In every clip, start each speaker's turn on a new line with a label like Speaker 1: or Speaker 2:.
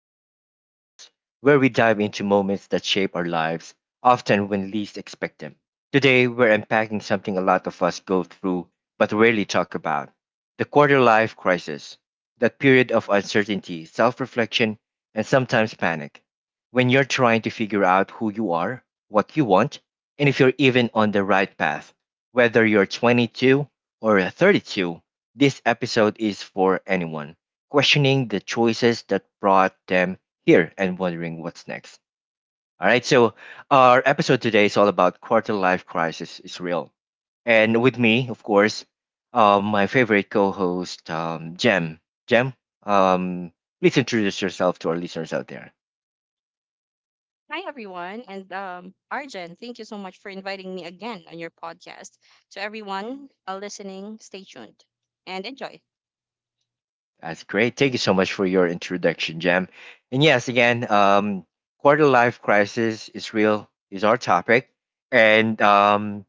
Speaker 1: Argent's podcast, where we dive into moments that shape our lives, often when least expect them. Today, we're unpacking something a lot of us go through but rarely talk about the quarter life crisis, that period of uncertainty, self reflection, and sometimes panic, when you're trying to figure out who you are, what you want, and if you're even on the right path. Whether you're 22 or 32, this episode is for anyone questioning the choices that brought them here and wondering what's next. All right, so our episode today is all about quarter life crisis is real. And with me, of course, my favorite co host, Jem. Jem, um, please introduce yourself to our listeners out there.
Speaker 2: Hi, everyone. And Arjun, thank you so much for inviting me again on your podcast. To everyone listening, stay tuned and enjoy.
Speaker 1: That's great. Thank you so much for your introduction, Jem. And yes, again, quarter life crisis is real, is our topic. And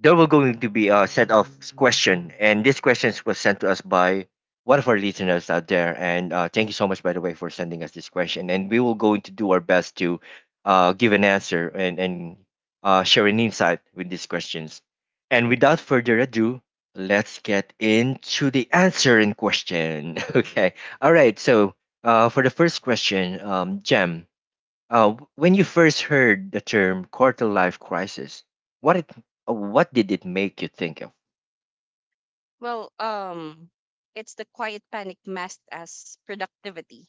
Speaker 1: there will going to be a set of question, and these questions was sent to us by one of our listeners out there. And thank you so much, by the way, for sending us this question. And we will going to do our best to give an answer and share an insight with these questions. And without further ado, let's get into the answer in question. Okay. All right. So for the first question, Jem, when you first heard the term quarter life crisis, what it what did it make you think of?
Speaker 2: Well, um, it's the quiet panic masked as productivity.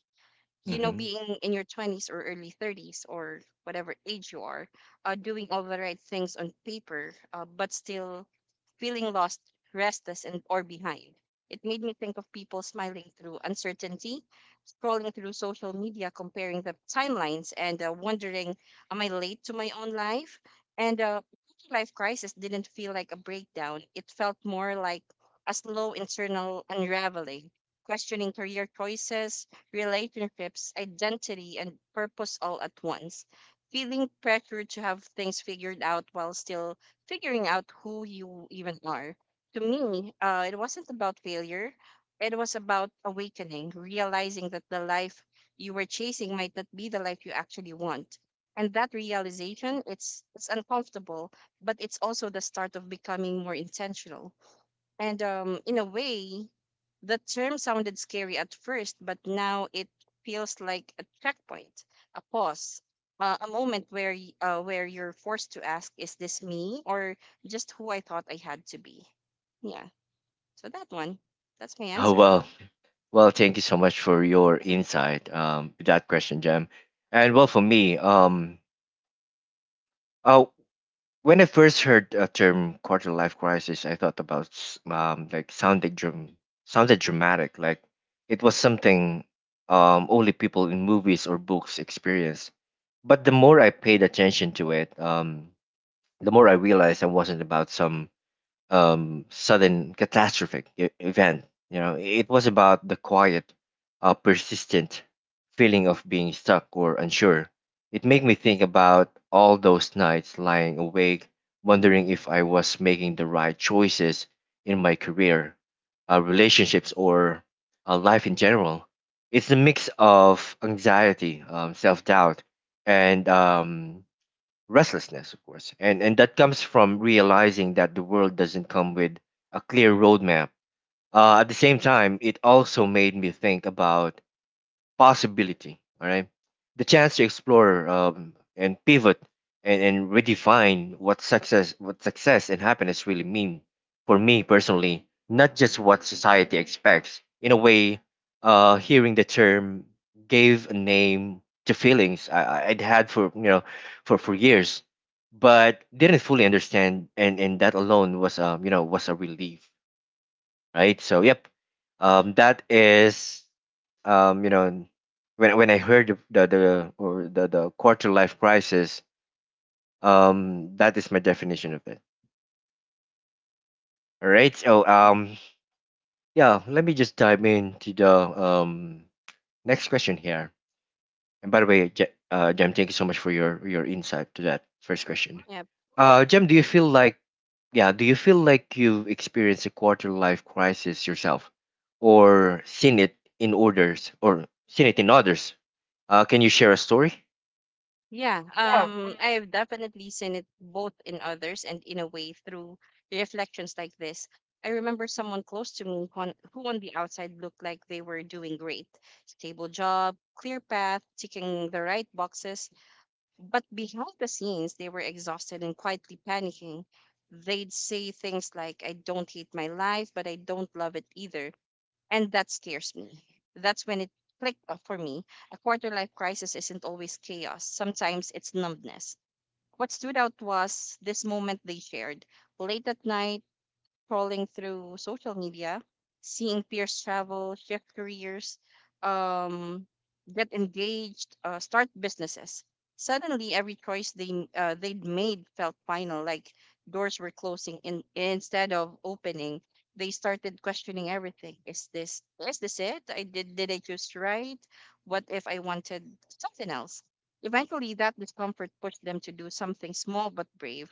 Speaker 2: You know,
Speaker 1: Hmm.
Speaker 2: being in your 20s or early 30s or whatever age you are, doing all the right things on paper, but still feeling lost, restless, and or behind. It made me think of people smiling through uncertainty, scrolling through social media, comparing the timelines, and wondering, am I late to my own life? And Life crisis didn't feel like a breakdown. It felt more like a slow internal unraveling, questioning career choices, relationships, identity, and purpose all at once. Feeling pressure to have things figured out while still figuring out who you even are. To me, it wasn't about failure. It was about awakening, realizing that the life you were chasing might not be the life you actually want. And that realization, it's uncomfortable, but it's also the start of becoming more intentional and in a way, the term sounded scary at first, but now it feels like a checkpoint, a pause, a moment where where you're forced to ask, "Is this me, or just who I thought I had to be?" Yeah. So that one, that's my
Speaker 1: Oh
Speaker 2: answer.
Speaker 1: well, well, thank you so much for your insight. With that question, Jam, and well for me, oh, when I first heard a term quarter life crisis, I thought about like sounded dramatic, like it was something only people in movies or books experience. But the more I paid attention to it, the more I realized I wasn't about some sudden catastrophic event. You know, it was about the quiet, persistent feeling of being stuck or unsure. It made me think about all those nights lying awake, wondering if I was making the right choices in my career, relationships, or life in general. It's a mix of anxiety, self doubt, and restlessness, of course, and that comes from realizing that the world doesn't come with a clear roadmap. At the same time, it also made me think about possibility. All right, the chance to explore and pivot and redefine what success and happiness really mean for me personally, not just what society expects. In a way, hearing the term gave a name to feelings I'd had for for years, but didn't fully understand, and that alone was was a relief, right? So yep, that is um, you know, when I heard the or the the quarter life crisis, that is my definition of it. All right. So yeah, let me just dive into the next question here. And by the way, Jem, thank you so much for your insight to that first question.
Speaker 2: Yep.
Speaker 1: Jem, do you feel like you've experienced a quarter life crisis yourself, or seen it in others, can you share a story?
Speaker 2: Yeah, I've definitely seen it both in others and in a way through reflections like this. I remember someone close to me on, who on the outside looked like they were doing great. Stable job, clear path, ticking the right boxes. But behind the scenes, they were exhausted and quietly panicking. They'd say things like, I don't hate my life, but I don't love it either and that scares me. That's when it clicked off for me. A quarter life crisis isn't always chaos, sometimes it's numbness. What stood out was this moment they shared. Late at night, scrolling through social media, seeing peers travel, shift careers, um, get engaged, start businesses. Suddenly, every choice they'd made felt final, like doors were closing in, instead of opening. They started questioning everything. Is this it? I did I choose right? What if I wanted something else? Eventually, that discomfort pushed them to do something small but brave,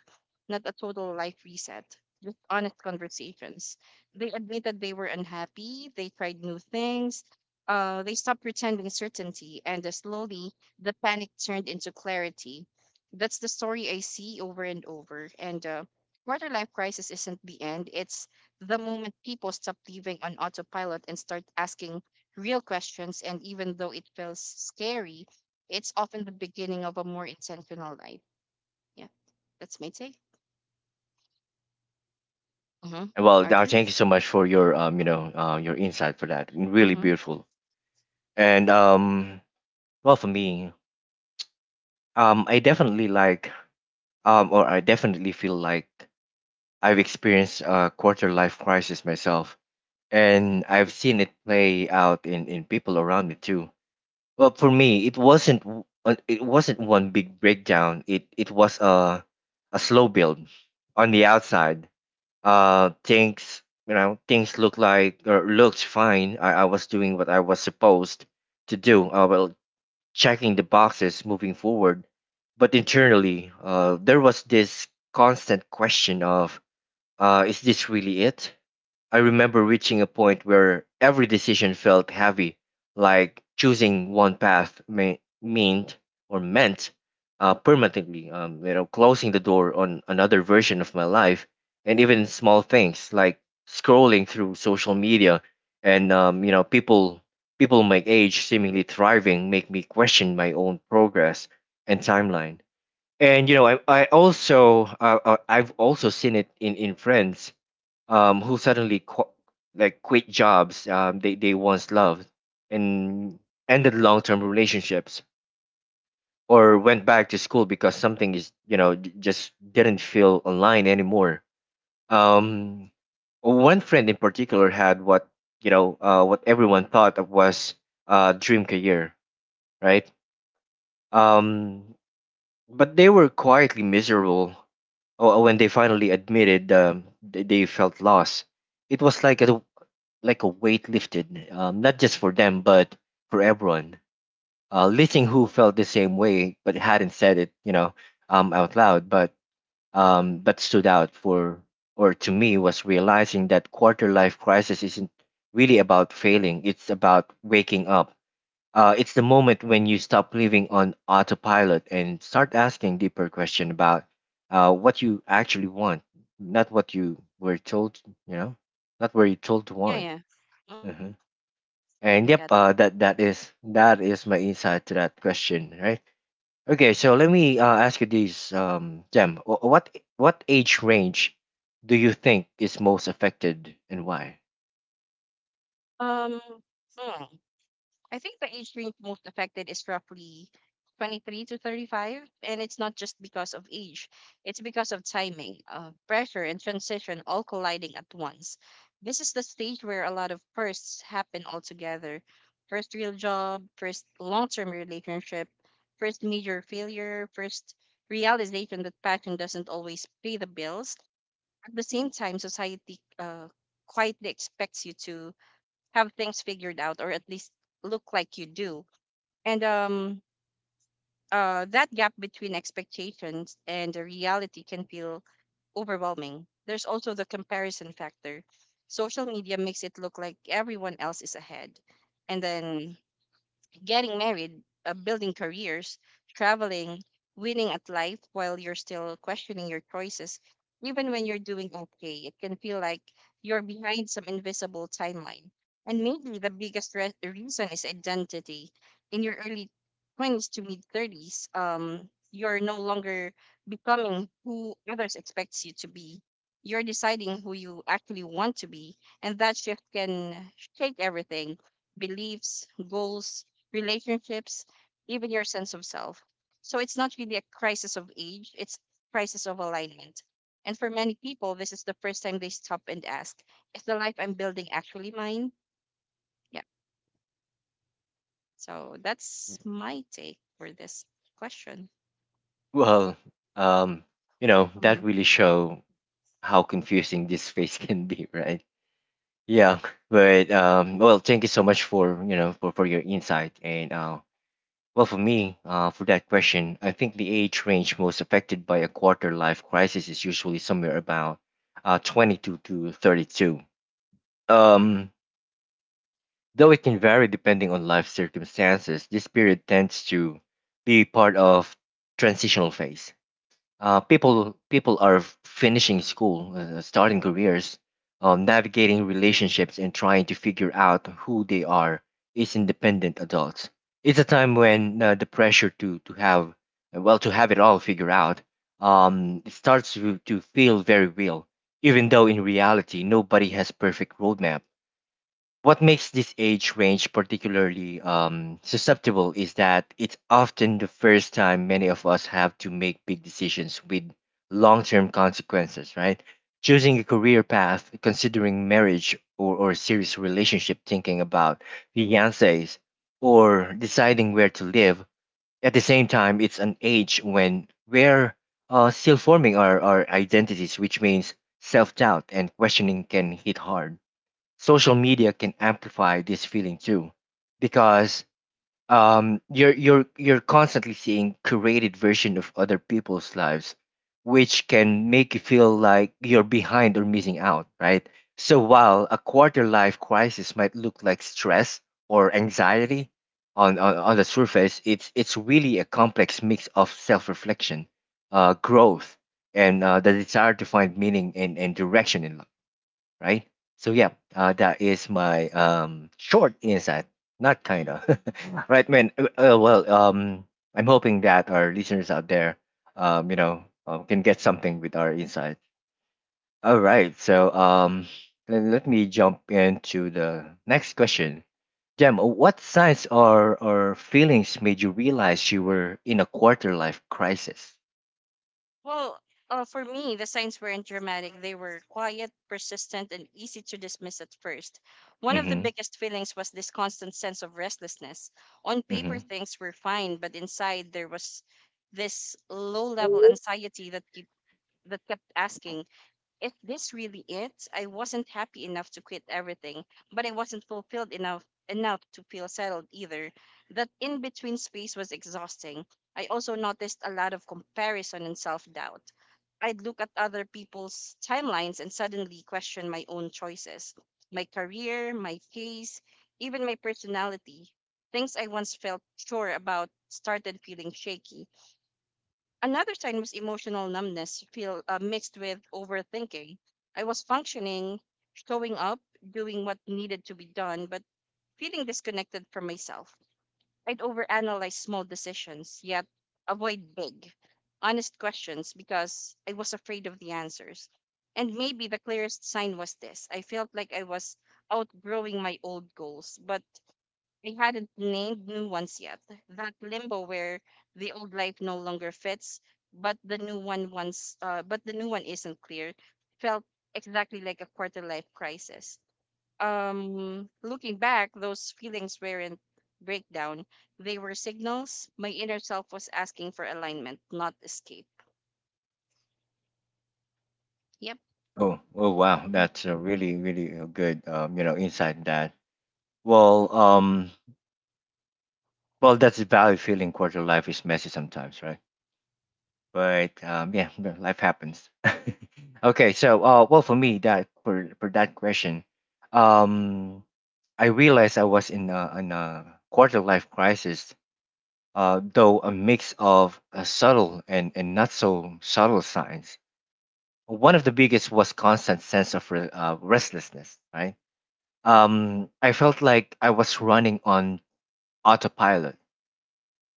Speaker 2: not a total life reset just honest conversations. They admitted they were unhappy, they tried new things, they stopped pretending certainty, and slowly the panic turned into clarity. That's the story I see over and over. And Quarter life crisis isn't the end, it's the moment people stop living on autopilot and start asking real questions. And even though it feels scary, it's often the beginning of a more intentional life. Yeah, that's my take. Mm-hmm.
Speaker 1: Well, Dar,
Speaker 2: Arjun?
Speaker 1: thank you so much for your your insight for that. Really
Speaker 2: Mm-hmm.
Speaker 1: beautiful. And well, for me, I definitely feel like I've experienced a quarter life crisis myself, and I've seen it play out in people around me too. Well, for me, it wasn't one big breakdown. It was a slow build on the outside things, you know, things look like or looked fine. I was doing what I was supposed to do, well, checking the boxes, moving forward, but internally, there was this constant question of, is this really it? I remember reaching a point where every decision felt heavy, like choosing one path may meant or meant, permanently, closing the door on another version of my life, and even small things like scrolling through social media and, people, people my age seemingly thriving make me question my own progress and timeline. And you know, I've also seen it in friends who suddenly qu- like quit jobs they once loved and ended long-term relationships or went back to school because something is, you know, just didn't feel online anymore. Um, one friend in particular had what you know what everyone thought of was a dream career, right? um, but they were quietly miserable. Uh, when they finally admitted they felt lost, it was like a weight lifted, not just for them, but for everyone. Li Ting felt the same way, but hadn't said it, you know, out loud, but stood out for, or to me, was realizing that quarter life crisis isn't really about failing. It's about waking up. It's the moment when you stop living on autopilot and start asking deeper question about what you actually want, not what you were told, you know, not what you're told to
Speaker 2: Yeah,
Speaker 1: want.
Speaker 2: yeah. hmm
Speaker 1: Mm-hmm. And
Speaker 2: I got
Speaker 1: yep,
Speaker 2: that.
Speaker 1: that is my insight to that question, right? Okay, so let me ask you this, Jem. What age range do you think is most affected, and why?
Speaker 2: Um, hmm. I think the age group most affected is roughly 23 to 35, and it's not just because of age, it's because of timing, pressure, and transition all colliding at once. This is the stage where a lot of firsts happen all together. First real job, first long-term relationship, first major failure, first realization that passion doesn't always pay the bills, at the same time, society quietly expects you to have things figured out or at least look like you do. And That gap between expectations and the reality can feel overwhelming. There's also the comparison factor. Social media makes it look like everyone else is ahead. And then getting married, building careers, traveling, winning at life while you're still questioning your choices, even when you're doing okay, it can feel like you're behind some invisible timeline. And maybe the reason is identity. In your early 20s to mid 30s, you're no longer becoming who others expect you to be. You're deciding who you actually want to be, and that shift can shake everything beliefs, goals, relationships, even your sense of self. So it's not really a crisis of age, it's crisis of alignment. And for many people, this is the first time they stop and ask, is the life I'm building actually mine? Yeah. So that's my take for this question.
Speaker 1: Well, um, you know, that really show how confusing this phase can be, right? Yeah, but well, thank you so much for you know for your insight, and well, for me, for that question, I think the age range most affected by a quarter life crisis is usually somewhere about 22 to 32. Um, though it can vary depending on life circumstances, this period tends to be part of transitional phase. People are finishing school, starting careers, navigating relationships, and trying to figure out who they are as independent adults. It's a time when, the pressure to have to have it all figured out, it starts to feel very real, even though in reality nobody has perfect roadmap. What makes this age range particularly susceptible is that it's often the first time many of us have to make big decisions with long term consequences, right? Choosing a career path, considering marriage or serious relationship, thinking about fiancés, or deciding where to live. At the same time, it's an age when we're still forming our identities, which means self doubt and questioning can hit hard. Social media can amplify this feeling too, because you're constantly seeing curated version of other people's lives, which can make you feel like you're behind or missing out, right? So while a quarter life crisis might look like stress or anxiety on the surface, it's really a complex mix of self reflection, growth, and the desire to find meaning and direction in life, right? So yeah, that is my short insight. Not kind of, right, man. Well, I'm hoping that our listeners out there, can get something with our insight. All right, so let me jump into the next question. Jem, what signs or feelings made you realize you were in a quarter life crisis?
Speaker 2: Well, for me, the signs weren't dramatic. They were quiet, persistent, and easy to dismiss at first. One of the
Speaker 1: Mm-hmm.
Speaker 2: biggest feelings was this constant sense of restlessness. On paper,
Speaker 1: Mm-hmm.
Speaker 2: things were fine, but inside there was this low level anxiety that kept asking, if this really it? I wasn't happy enough to quit everything, but I wasn't fulfilled enough to feel settled either. That in between space was exhausting. I also noticed a lot of comparison and self doubt. I'd look at other people's timelines and suddenly question my own choices, my career, my pace, even my personality. Things I once felt sure about started feeling shaky. Another sign was emotional numbness, feel mixed with overthinking. I was functioning, showing up, doing what needed to be done, but feeling disconnected from myself. I'd overanalyze small decisions, yet avoid big, honest questions because I was afraid of the answers. And maybe the clearest sign was this I felt like I was outgrowing my old goals, but I hadn't named new ones yet. That limbo where the old life no longer fits, but the new one once, but the new one isn't clear, felt exactly like a quarter life crisis. Looking back, those feelings weren't breakdown. They were signals. My inner self was asking for alignment, not escape. Yep.
Speaker 1: Oh wow,
Speaker 2: hmm
Speaker 1: that's a really good, insight that. Well, well, that's the value feeling quarter life is messy sometimes, right? But yeah, yeah, life happens. Okay, so well, for me, that for that question, um, I realized I was in a quarter life crisis. Though a mix of subtle and not so subtle signs. One of the biggest was constant sense of restlessness. Right, I felt like I was running on autopilot,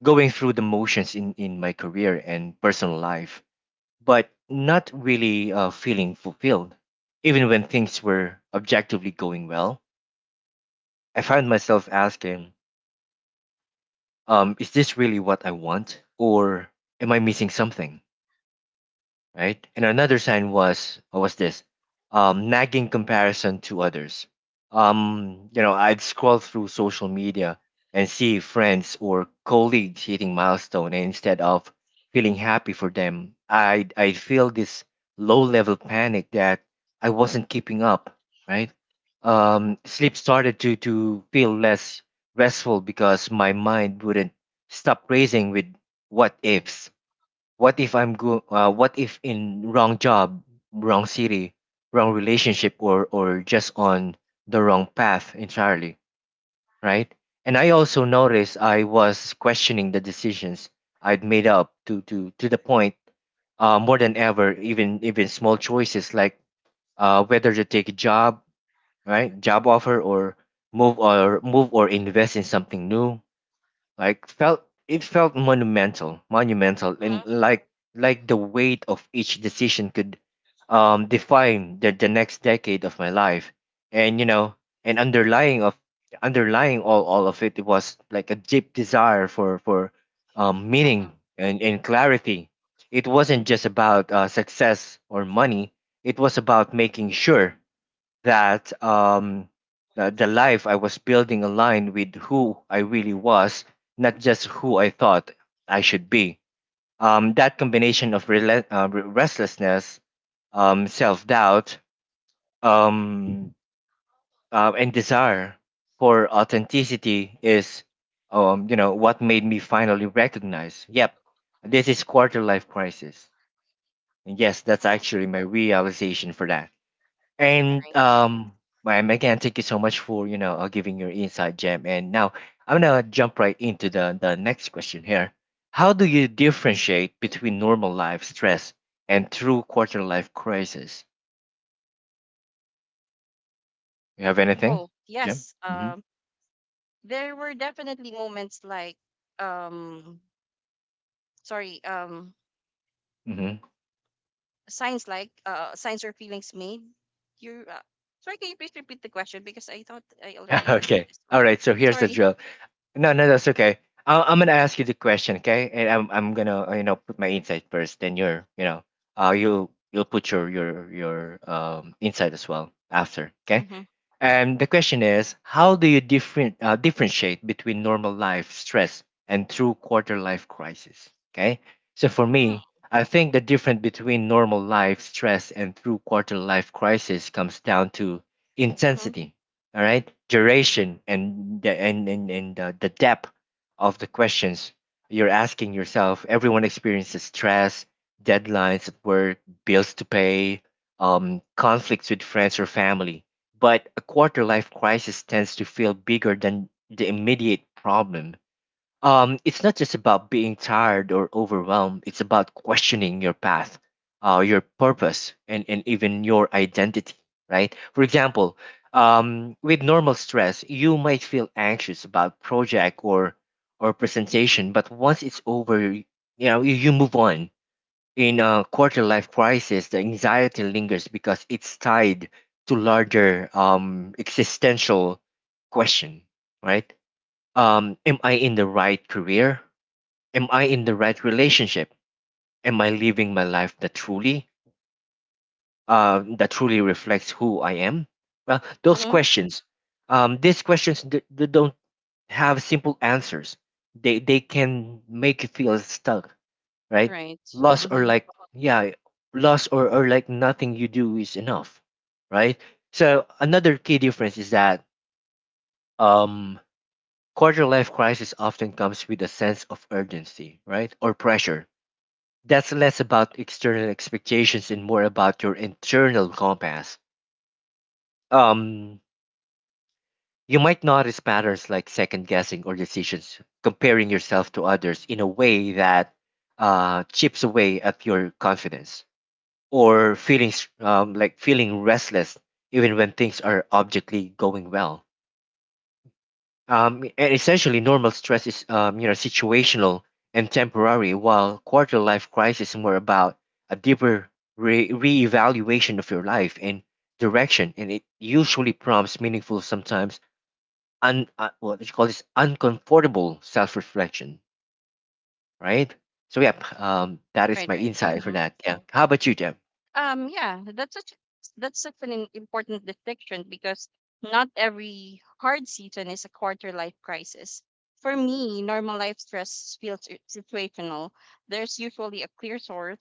Speaker 1: going through the motions in my career and personal life, but not really feeling fulfilled. Even when things were objectively going well, I found myself asking, is this really what I want? Or am I missing something, right? And another sign was this nagging comparison to others. You know, I'd scroll through social media and see friends or colleagues hitting milestone, and instead of feeling happy for them, I'd feel this low level panic that I wasn't keeping up, right? Sleep started to feel less restful because my mind wouldn't stop racing with what ifs, what if in wrong job, wrong city, wrong relationship or just on the wrong path entirely, right? And I also noticed I was questioning the decisions I'd made up to the point, more than ever, even small choices like whether to take a job, right, job offer, or move or invest in something new, like felt it felt monumental and like the weight of each decision could define the next decade of my life, and and underlying of underlying all of it, it was like a deep desire for meaning
Speaker 2: Uh-huh,
Speaker 1: and clarity. It wasn't just about success or money. It was about making sure that the life I was building aligned with who I really was, not just who I thought I should be. That combination of restlessness, self doubt, um, and desire for authenticity is, what made me finally recognize, yep, this is quarter life crisis. And yes, that's
Speaker 2: uh-huh.
Speaker 1: actually my realization for that. And
Speaker 2: Right.
Speaker 1: Ma'am, again, thank you so much for giving your insight, Jam. And now I'm gonna jump right into the next question here. How do you differentiate between normal life stress and true quarter life crisis? You have anything,
Speaker 2: Oh
Speaker 1: Jam?
Speaker 2: yes.
Speaker 1: Mm-hmm.
Speaker 2: There were definitely moments like, um, sorry.
Speaker 1: Mm-hmm.
Speaker 2: Signs like signs or feelings made you sorry can you please repeat the question because I thought I already answered
Speaker 1: Okay.
Speaker 2: this one
Speaker 1: All right. So here's the
Speaker 2: sorry
Speaker 1: drill. No, no, that's okay. I- I'm gonna ask you the question, okay? And I'm gonna, put my insight first. Then your, you you'll put your insight as well after, okay?
Speaker 2: mm-hmm.
Speaker 1: And the question is, how do you differentiate between normal life stress and true quarter life crisis? Okay. So for me, I think the difference between normal life stress and true quarter life crisis comes down to
Speaker 2: Mm-hmm.
Speaker 1: intensity, all right, duration, and the depth of the questions you're asking yourself. Everyone experiences stress, deadlines at work, bills to pay, conflicts with friends or family, but a quarter life crisis tends to feel bigger than the immediate problem. It's not just about being tired or overwhelmed, it's about questioning your path, your purpose, and even your identity, right? For example, with normal stress, you might feel anxious about project or presentation, but once it's over, you move on. In a quarter life crisis, the anxiety lingers because it's tied to larger existential question, right? Am I in the right career? Am I in the right relationship? Am I living my life that truly reflects who I am? Well, those
Speaker 2: Mm-hmm.
Speaker 1: questions, they don't have simple answers. They can make you feel stuck, right?
Speaker 2: Right.
Speaker 1: Loss
Speaker 2: Mm-hmm.
Speaker 1: or like, uh-huh, yeah, loss or like nothing you do is enough, right? So another key difference is that um quarter life crisis often comes with a sense of urgency, right? Or pressure. That's less about external expectations and more about your internal compass. Um you might notice patterns like second guessing or decisions, comparing yourself to others in a way that chips away at your confidence or feeling s- like feeling restless even when things are objectively going well. And essentially, normal stress is, situational and temporary, while quarter life crisis is more about a deeper reevaluation of your life and direction, and it usually prompts meaningful, sometimes un what do you call this uncomfortable self reflection, right? So yeah, that is
Speaker 2: Right,
Speaker 1: my
Speaker 2: right.
Speaker 1: insight for
Speaker 2: Mm-hmm.
Speaker 1: that. Yeah, how about you, Jeff?
Speaker 2: Yeah, that's such an important distinction because not every hard season is a quarter life crisis. For me, normal life stress situational. There's usually a clear source,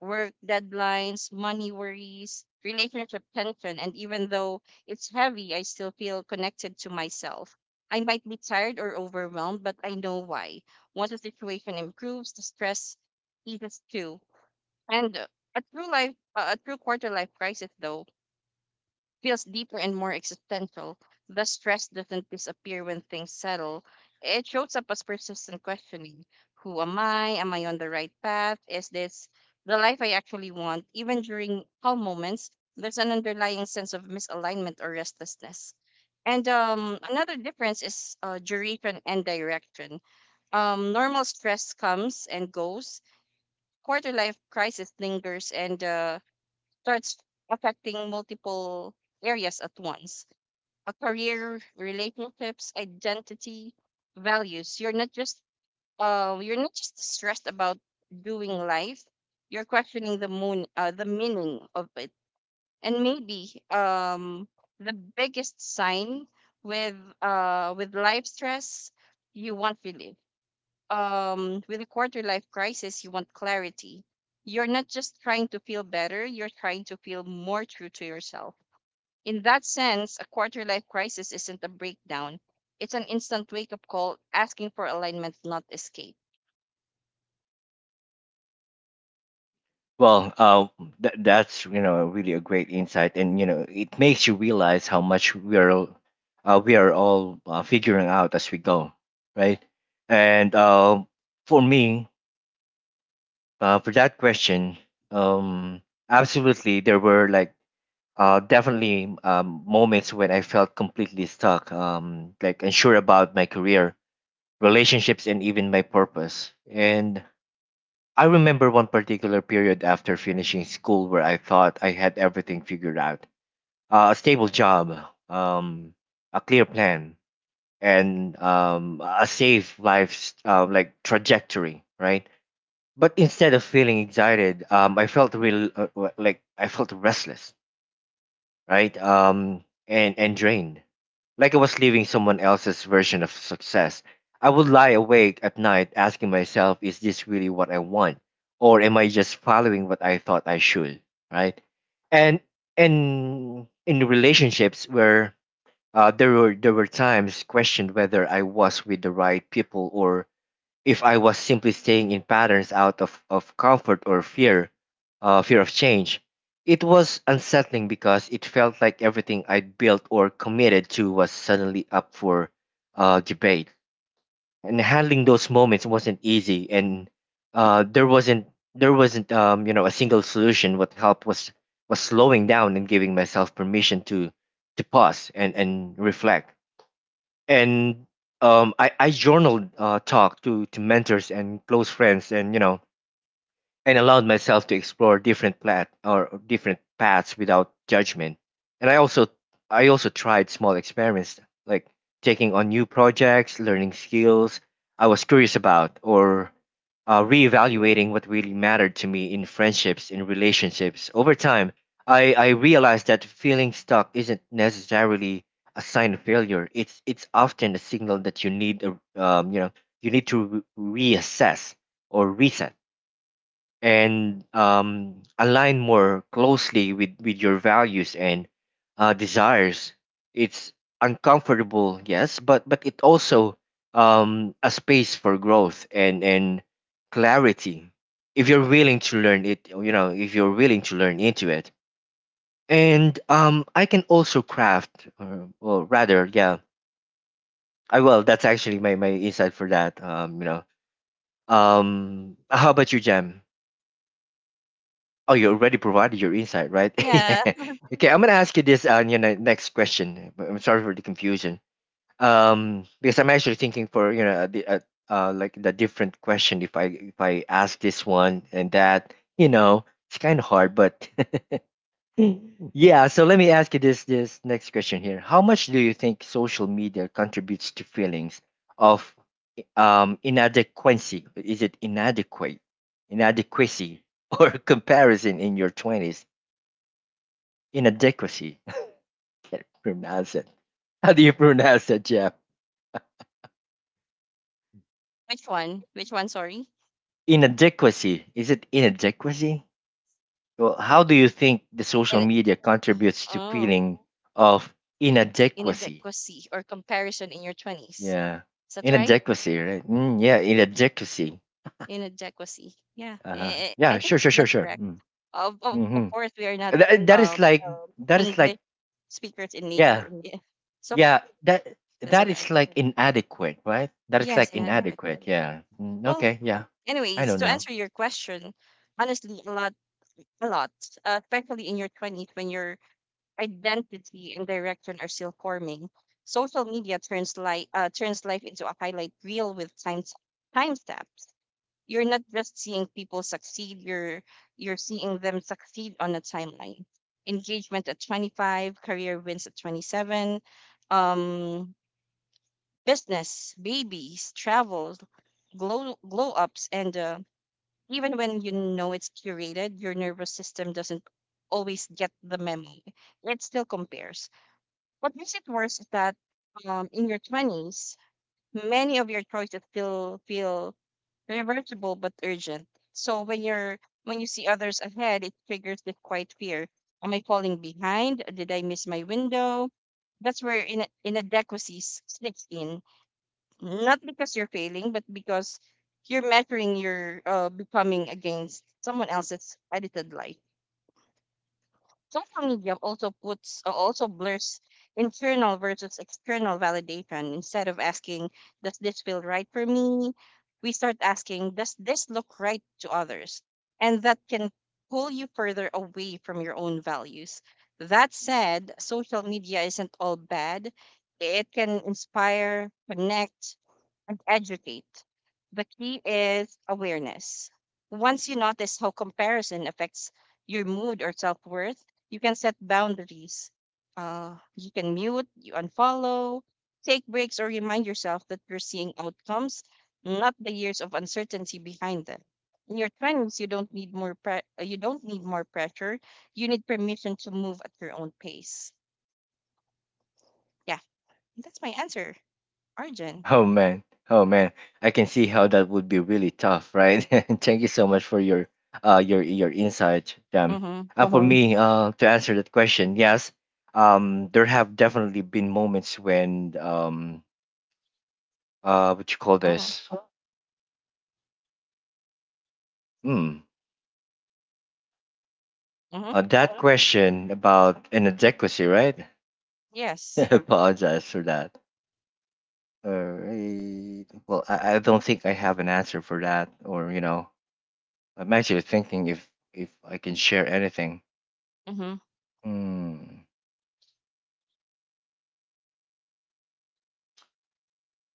Speaker 2: work deadlines, money worries, relationship tension, and even though it's heavy, I still feel connected to myself. I might be tired or overwhelmed, but I know why. Once the situation improves, the stress eases too and a true quarter life crisis, though, feels deeper and more existential. The stress doesn't disappear when things settle. It shows up as persistent questioning: Who am I? Am I on the right path? Is this the life I actually want? Even during calm moments, there's an underlying sense of misalignment or restlessness. And Another difference is duration and direction. Normal stress comes and goes. Quarter life crisis lingers and starts affecting multiple areas at once a career relationships identity values you're not just stressed about doing life you're questioning the meaning of it and maybe the biggest sign with with life stress you won't feel it with a quarter life crisis, you want clarity. You're not just trying to feel better, you're trying to feel more true to yourself. In that sense, a quarter life crisis isn't a breakdown, it's an instant wake up call asking for alignment, not escape.
Speaker 1: Well, that's, really a great insight, and you know it makes you realize how much we are all figuring out as we go, right? And for me, for that question, um, absolutely, there were definitely moments when I felt completely stuck, like unsure about my career, relationships, and even my purpose, and I remember one particular period after finishing school where I thought I had everything figured out, a stable job, um, a clear plan, and a safe life like trajectory, right? But instead of feeling excited, I felt real w- like I felt restless, right? And drained, like I was living someone else's version of success. I would lie awake at night asking myself, is this really what I want? Or am I just following what I thought I should? Right? And in relationships where, there were times questioned whether I was with the right people or if I was simply staying in patterns out of comfort or fear, fear of change. It was unsettling because it felt like everything I'd built or committed to was suddenly up for debate. And handling those moments wasn't easy, and there wasn't there wasn't, a single solution. What helped was slowing down and giving myself permission to pause and reflect and I journaled, talk to mentors and close friends, and allowed myself to explore different plat or different paths without judgment. And I also tried small experiments like taking on new projects, learning skills I was curious about, or reevaluating what really mattered to me in friendships in relationships. Over time, I realized that feeling stuck isn't necessarily a sign of failure. It's often a signal that you need a, you know you need to reassess or reset and align more closely with your values and desires. It's uncomfortable, yes, but it also, a space for growth and clarity. If you're willing to learn it, you know, if you're willing to learn into it, and I can also craft, or well, rather, yeah, I will. That's actually my insight for that. How about you, Jam? Oh, you already provided your insight, right?
Speaker 2: Yeah.
Speaker 1: Yeah. Okay, I'm gonna ask you this, next question. But I'm sorry for the confusion. Because I'm actually thinking for, you know the like the different question. If I ask this one and that, you know, it's kind of hard. But yeah, so let me ask you this next question here. How much do you think social media contributes to feelings of inadequacy? Is it inadequate, inadequacy, or comparison in your twenties? Inadequacy. I can't pronounce it. How do you pronounce that, Jeff?
Speaker 2: Which one? Which one? Sorry.
Speaker 1: Inadequacy. Is it inadequacy? Well, how do you think the social
Speaker 2: In
Speaker 1: media contributes to
Speaker 2: oh,
Speaker 1: feeling of inadequacy?
Speaker 2: Inadequacy or comparison in your 20s.
Speaker 1: Yeah,
Speaker 2: Is that right?
Speaker 1: inadequacy, right? Mm, yeah, inadequacy.
Speaker 2: Inadequacy. Yeah.
Speaker 1: Uh-huh.
Speaker 2: I
Speaker 1: Yeah,
Speaker 2: think
Speaker 1: sure, sure, sure,
Speaker 2: that's
Speaker 1: sure.
Speaker 2: correct.
Speaker 1: Mm.
Speaker 2: Of
Speaker 1: Hmm.
Speaker 2: course, we are not.
Speaker 1: That is
Speaker 2: um,
Speaker 1: like that is
Speaker 2: English
Speaker 1: like
Speaker 2: speakers in
Speaker 1: yeah,
Speaker 2: nature. Yeah. So
Speaker 1: yeah.
Speaker 2: that's all
Speaker 1: That
Speaker 2: right.
Speaker 1: is like inadequate, right? That is
Speaker 2: Yes,
Speaker 1: like
Speaker 2: inadequate.
Speaker 1: inadequate. Yeah. Mm,
Speaker 2: Well,
Speaker 1: okay. Yeah, I
Speaker 2: anyways,
Speaker 1: know
Speaker 2: to
Speaker 1: now.
Speaker 2: answer your question, honestly, a lot, especially in your 20s when your identity and direction are still forming. Social media turns life into a highlight reel with timestamps. You're not just seeing people succeed; you're seeing them succeed on a timeline. Engagement at 25, career wins at 27, um business, babies, travel, glow ups, and even when you know it's curated, your nervous system doesn't always get the memo. It still compares. What makes it worse is that in your 20s, many of your choices still feel reversible but urgent. So when you see others ahead, it triggers this quiet fear. Am I falling behind? Did I miss my window? That's where in inadequacies sneaks in not because you're failing, but because you're measuring your becoming against someone else's edited life. Social media also blurs internal versus external validation. Instead of asking, "Does this feel right for me?" we start asking, "Does this look right to others?" And that can pull you further away from your own values. That said, social media isn't all bad. It can inspire, connect, and educate. The key is awareness. Once you notice how comparison affects your mood or self worth, you can set boundaries. You can mute, you unfollow, take breaks, or remind yourself that you're seeing outcomes, not the years of uncertainty behind them. In your twenties, you don't need more pressure. You need permission to move at your own pace. Yeah, that's my answer, Arjun.
Speaker 1: Oh man, oh man, I can see how that would be really tough, right? Thank you so much for your your insight, Jam.
Speaker 2: Mm-hmm.
Speaker 1: For me, to answer that question, yes, there have definitely been moments when what you call
Speaker 2: Mm-hmm.
Speaker 1: this? Hmm,
Speaker 2: Mm-hmm.
Speaker 1: that question about inadequacy, right? I
Speaker 2: Yes.
Speaker 1: apologize for that. Alright. Well, I don't think I have an answer for that, or you know, I'm actually thinking if I can share anything.
Speaker 2: Mm-hmm.
Speaker 1: Mm.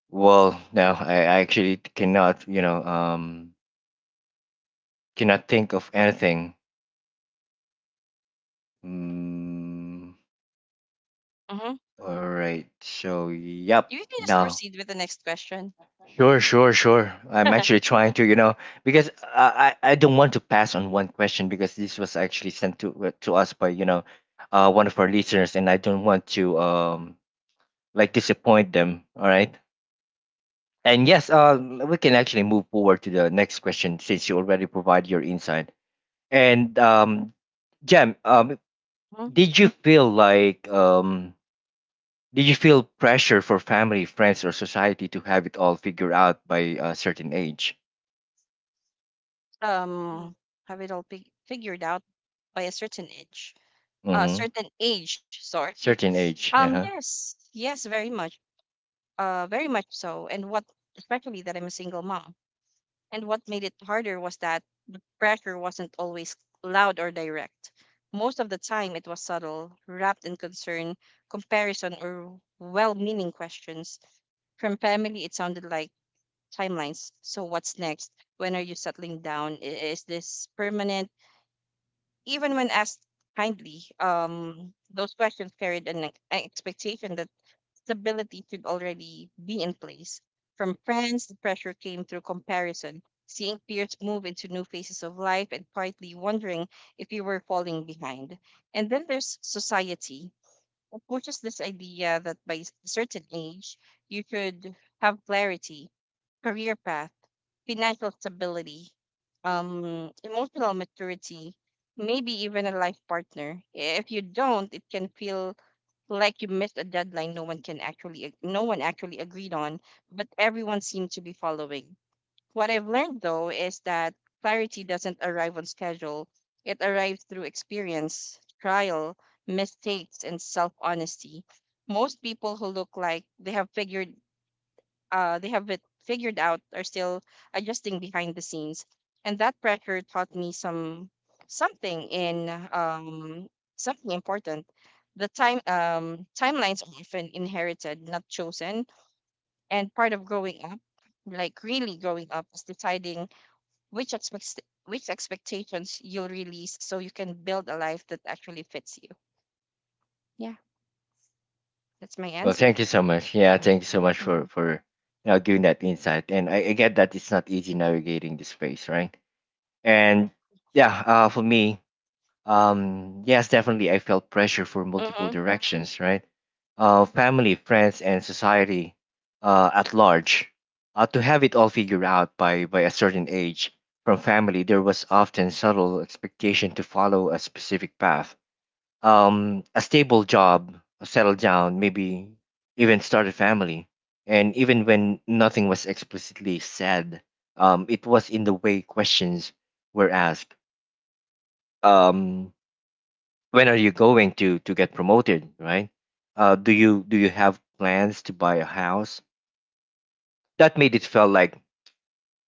Speaker 1: Well, no, I actually cannot, cannot think of anything. Mm.
Speaker 2: Mm-hmm.
Speaker 1: All right. So, yep.
Speaker 2: You can just
Speaker 1: No.
Speaker 2: proceed with the next question.
Speaker 1: Sure, sure, sure. I'm actually trying to, you know, because I don't want to pass on one question because this was actually sent to, to us by, you know, one of our listeners, and I don't want to like disappoint them. All right. And yes, we can actually move forward to the next question since you already provide your insight. And Jam,
Speaker 2: Hmm.
Speaker 1: did you feel like did you feel pressure for family, friends, or society to have it all figured out by a certain age?
Speaker 2: Um, have it all pig figured out by a certain age.
Speaker 1: Mm-hmm.
Speaker 2: Certain age, sorry.
Speaker 1: Certain age. Uh-huh.
Speaker 2: Yes, yes, very much. Very much so. And what, especially that I'm a single mom. And what made it harder was that pressure wasn't always loud or direct. Most of the time, it was subtle, wrapped in concern, comparison, or well-meaning questions. From family, it sounded like timelines. So what's next? When are you settling down? Is this permanent? Even when asked kindly, those questions carried an expectation that stability should already be in place. From friends, the pressure came through comparison, seeing peers move into new phases of life and quietly wondering if you were falling behind. And then there's society. It pushes this idea that by a certain age, you should have clarity, career path, financial stability, emotional maturity, maybe even a life partner. If you don't, it can feel like you missed a deadline no one can actually ag- no one actually agreed on, but everyone seemed to be following. What I've learned though is that clarity doesn't arrive on schedule. It arrives through experience, trial, mistakes, and self-honesty. Most people who look like they have it figured out are still adjusting behind the scenes. And that pressure taught me something in um something important. The timelines are often inherited, not chosen. And part of growing up, like really growing up, is deciding which expect which expectations you'll release so you can build a life that actually fits you. Yeah, that's my
Speaker 1: Well,
Speaker 2: answer.
Speaker 1: thank you so much. Yeah, thank you so much for
Speaker 2: Hmm.
Speaker 1: you know giving that insight. And I get that it's not easy navigating this space, right? And yeah, for me, um, yes, definitely, I felt pressure for multiple
Speaker 2: Mm-hmm.
Speaker 1: directions, right? Family, friends, and society at large. To have it all figured out by a certain age, from family, there was often subtle expectation to follow a specific path. A stable job, settle down, maybe even start a family. And even when nothing was explicitly said, it was in the way questions were asked. Um, when are you going to get promoted, right? Do you have plans to buy a house? That made it feel like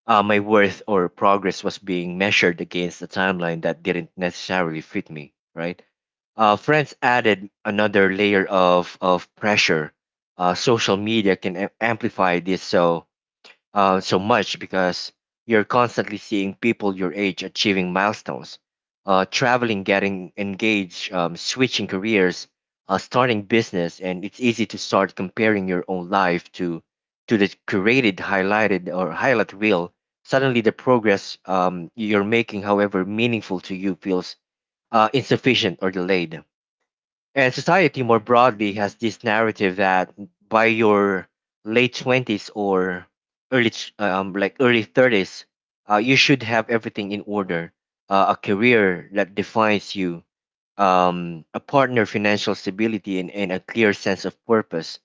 Speaker 1: my worth or progress was being measured against a timeline that didn't necessarily fit me, right? Friends added another layer of pressure. Social media can amplify this so much because you're constantly seeing people your age achieving milestones, traveling, getting engaged, switching careers, starting business, and it's easy to start comparing your own life to the curated, highlighted, or highlight reel. Suddenly, the progress you're making, however meaningful to you, feels insufficient or delayed. And society more broadly has this narrative that by your late 20s or early ch- like early 30s, you should have everything in order. A career that defines you, a partner, financial stability, and a clear sense of purpose.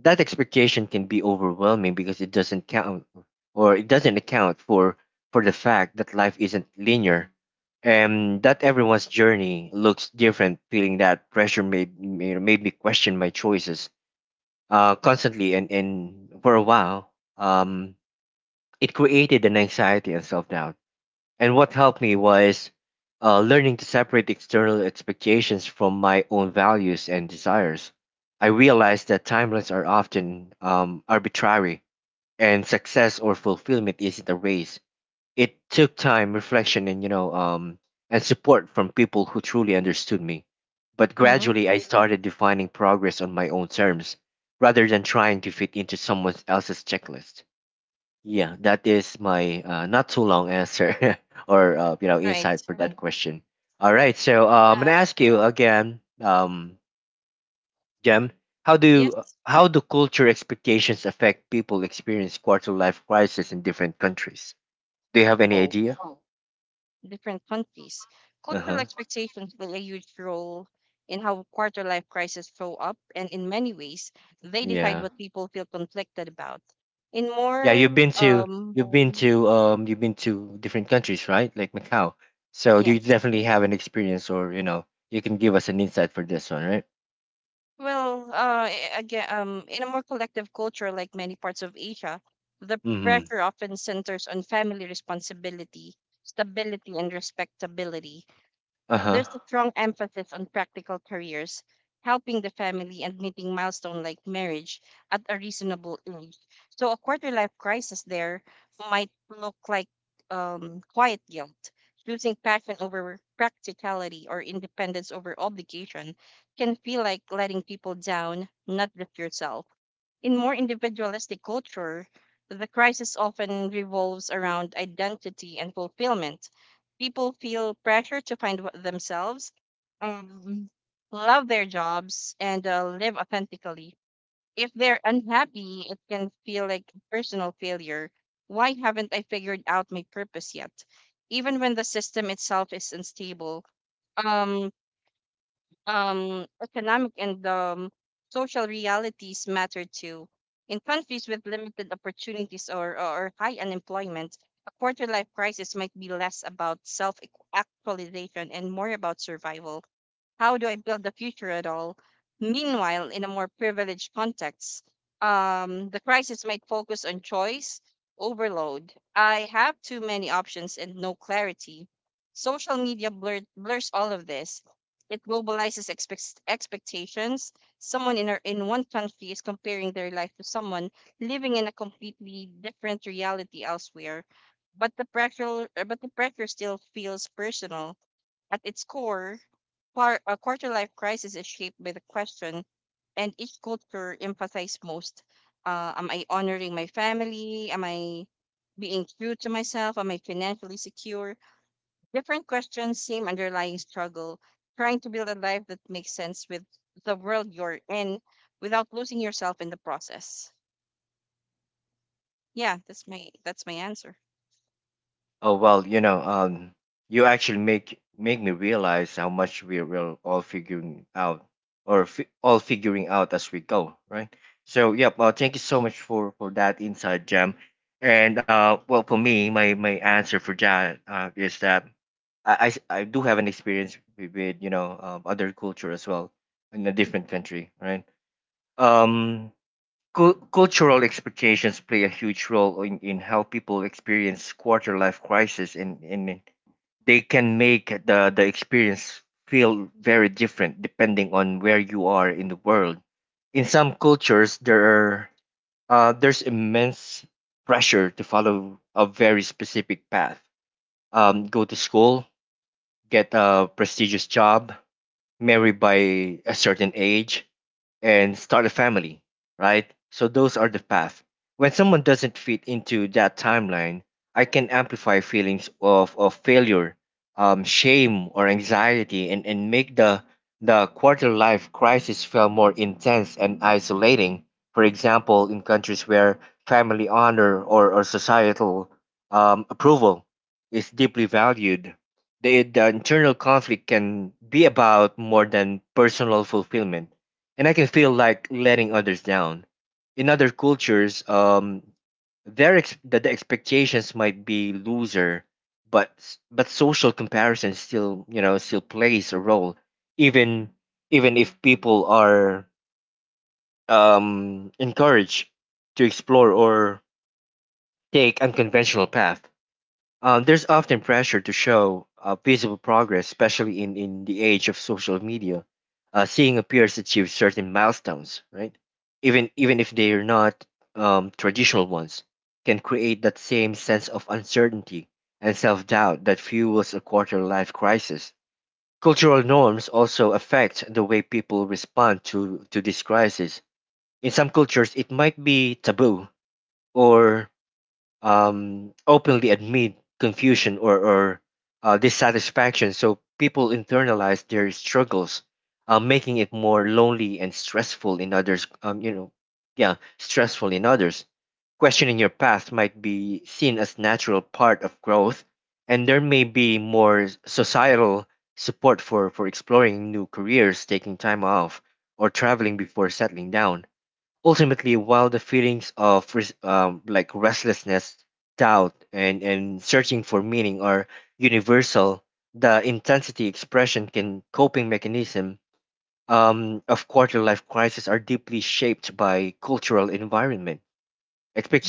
Speaker 1: That expectation can be overwhelming because it doesn't count, or it doesn't account for the fact that life isn't linear and that everyone's journey looks different. Feeling that pressure made me question my choices constantly, and for a while um, it created an anxiety and self-doubt. And what helped me was learning to separate external expectations from my own values and desires. I realized that timelines are often arbitrary, and success or fulfillment isn't a race. It took time, reflection, and and support from people who truly understood me. But
Speaker 2: Mm-hmm.
Speaker 1: gradually, I started defining progress on my own terms, rather than trying to fit into someone else's checklist. Yeah, that is my not too long answer or insight
Speaker 2: Right.
Speaker 1: for that Right. question. All right, so I'm gonna
Speaker 2: Uh,
Speaker 1: ask you again, Jem, how do
Speaker 2: yes.
Speaker 1: culture expectations affect people experience quarter life crisis in different countries? Do you have any
Speaker 2: Oh,
Speaker 1: idea?
Speaker 2: different countries.
Speaker 1: Uh
Speaker 2: Cultural
Speaker 1: huh.
Speaker 2: expectations play a huge role in how quarter life crises show up, and in many ways, they decide
Speaker 1: Yeah.
Speaker 2: what people feel conflicted about. In
Speaker 1: Yeah, you've
Speaker 2: more,
Speaker 1: been to you've been to you've been to different countries, right? Like Macau. So do you
Speaker 2: yes.
Speaker 1: definitely have an experience, or you can give us an insight for this one, right?
Speaker 2: Well, again, in a more collective culture like many parts of Asia, the
Speaker 1: Mm-hmm.
Speaker 2: pressure often centers on family responsibility, stability, and respectability.
Speaker 1: Uh
Speaker 2: So
Speaker 1: huh.
Speaker 2: There's a strong emphasis on practical careers, helping the family, and meeting milestone like marriage at a reasonable age. So a quarter life crisis there might look like quiet guilt. Choosing passion over practicality or independence over obligation can feel like letting people down, not just yourself. In more individualistic culture, the crisis often revolves around identity and fulfillment people feel pressure to find wh- themselves, um, love their jobs, and live authentically. If they're unhappy, it can feel like personal failure. Why haven't I figured out my purpose yet? Even when the system itself is unstable, um, economic and social realities matter too. In countries with limited opportunities or high unemployment, a quarter life crisis might be less about self actualization and more about survival. How do I build the future at all? Meanwhile, in a more privileged context, the crisis might focus on choice overload. I have too many options and no clarity. Social media blur- blurs all of this. It globalizes expect- expectations. Someone in, our, in one country is comparing their life to someone living in a completely different reality elsewhere. But the pressure still feels personal. At its core, Quar- a quarter life crisis is shaped by the question, and each culture emphasizes most. Am I honoring my family? Am I being true to myself? Am I financially secure? Different questions, same underlying struggle, trying to build a life that makes sense with the world you're in without losing yourself in the process. Yeah, that's my answer.
Speaker 1: Oh well, you actually make me realize how much we're all figuring out, or all figuring out as we go, right? So, yep. Thank you so much for that insight, Jam. And well, for me, my answer for that is that I do have an experience with, with other culture as well in a different country, right? Um, Cultural expectations play a huge role in how people experience quarter life crisis and they can make the experience feel very different depending on where you are in the world. In some cultures there are there's immense pressure to follow a very specific path: go to school, get a prestigious job, marry by a certain age, and start a family, right? So those are the path. When someone doesn't fit into that timeline, I can amplify feelings of failure, shame, or anxiety, and make the quarter life crisis feel more intense and isolating. For example, in countries where family honor or societal approval is deeply valued, the internal conflict can be about more than personal fulfillment, and I can feel like letting others down. In other cultures, the expectations might be looser, but but social comparison still you know still plays a role, even even if people are encouraged to explore or take unconventional path. There's often pressure to show visible progress, especially in the age of social media. Seeing a peers achieve certain milestones, right? Even even if they're not traditional ones, can create that same sense of uncertainty and self-doubt that fuels a quarter-life crisis. Cultural norms also affect the way people respond to this crisis. In some cultures, it might be taboo or openly admit confusion or dissatisfaction. So people internalize their struggles, making it more lonely and stressful in others. Yeah, stressful in others. Questioning your path might be seen as natural part of growth, and there may be more societal support for exploring new careers, taking time off, or traveling before settling down. Ultimately, while the feelings of restlessness, doubt, and searching for meaning are universal, the intensity, expression, and coping mechanism of quarter life crisis are deeply shaped by cultural environment,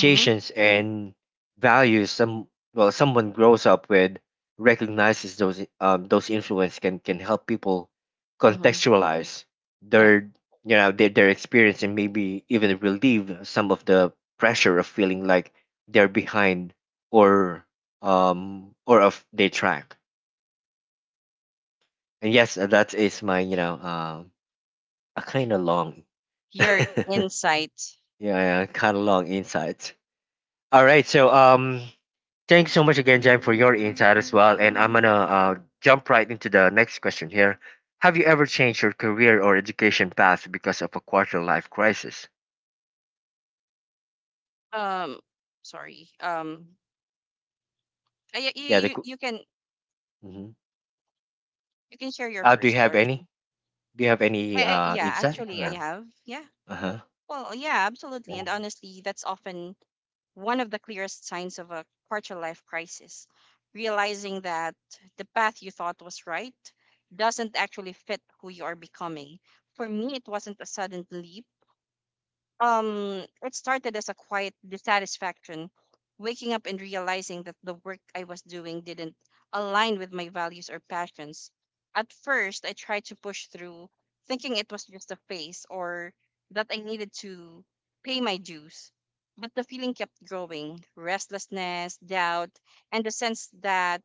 Speaker 2: Mm-hmm.
Speaker 1: and values some well someone grows up with. Recognizes those influence can help people
Speaker 2: Mm-hmm.
Speaker 1: contextualize
Speaker 2: Yeah.
Speaker 1: their their experience and maybe even relieve some of the pressure of feeling like they're behind or or of their track. And yes, that is my a kind of long
Speaker 2: Your
Speaker 1: yeah,
Speaker 2: insight.
Speaker 1: yeah kind of long insight. All right, so thanks so much again, Jen, for your insight as well. And I'm gonna jump right into the next question here. Have you ever changed your career or education path because of a quarter life crisis?
Speaker 2: Um, Sorry. Yeah,
Speaker 1: Yeah. Mhm.
Speaker 2: you can share your
Speaker 1: Do you
Speaker 2: first
Speaker 1: have any?
Speaker 2: origin.
Speaker 1: Do you have any
Speaker 2: I, yeah,
Speaker 1: insight?
Speaker 2: actually, I
Speaker 1: Or,
Speaker 2: have. Yeah.
Speaker 1: uh-huh.
Speaker 2: Well, yeah, absolutely.
Speaker 1: Yeah.
Speaker 2: And honestly, that's often one of the clearest signs of a quarter life crisis. Realizing that the path you thought was right doesn't actually fit who you are becoming. For me, it wasn't a sudden leap, it started as a quiet dissatisfaction, waking up and realizing that the work I was doing didn't align with my values or passions. At first, I tried to push through, thinking it was just a phase or that I needed to pay my dues. But the feeling kept growing restlessness, doubt, and the sense that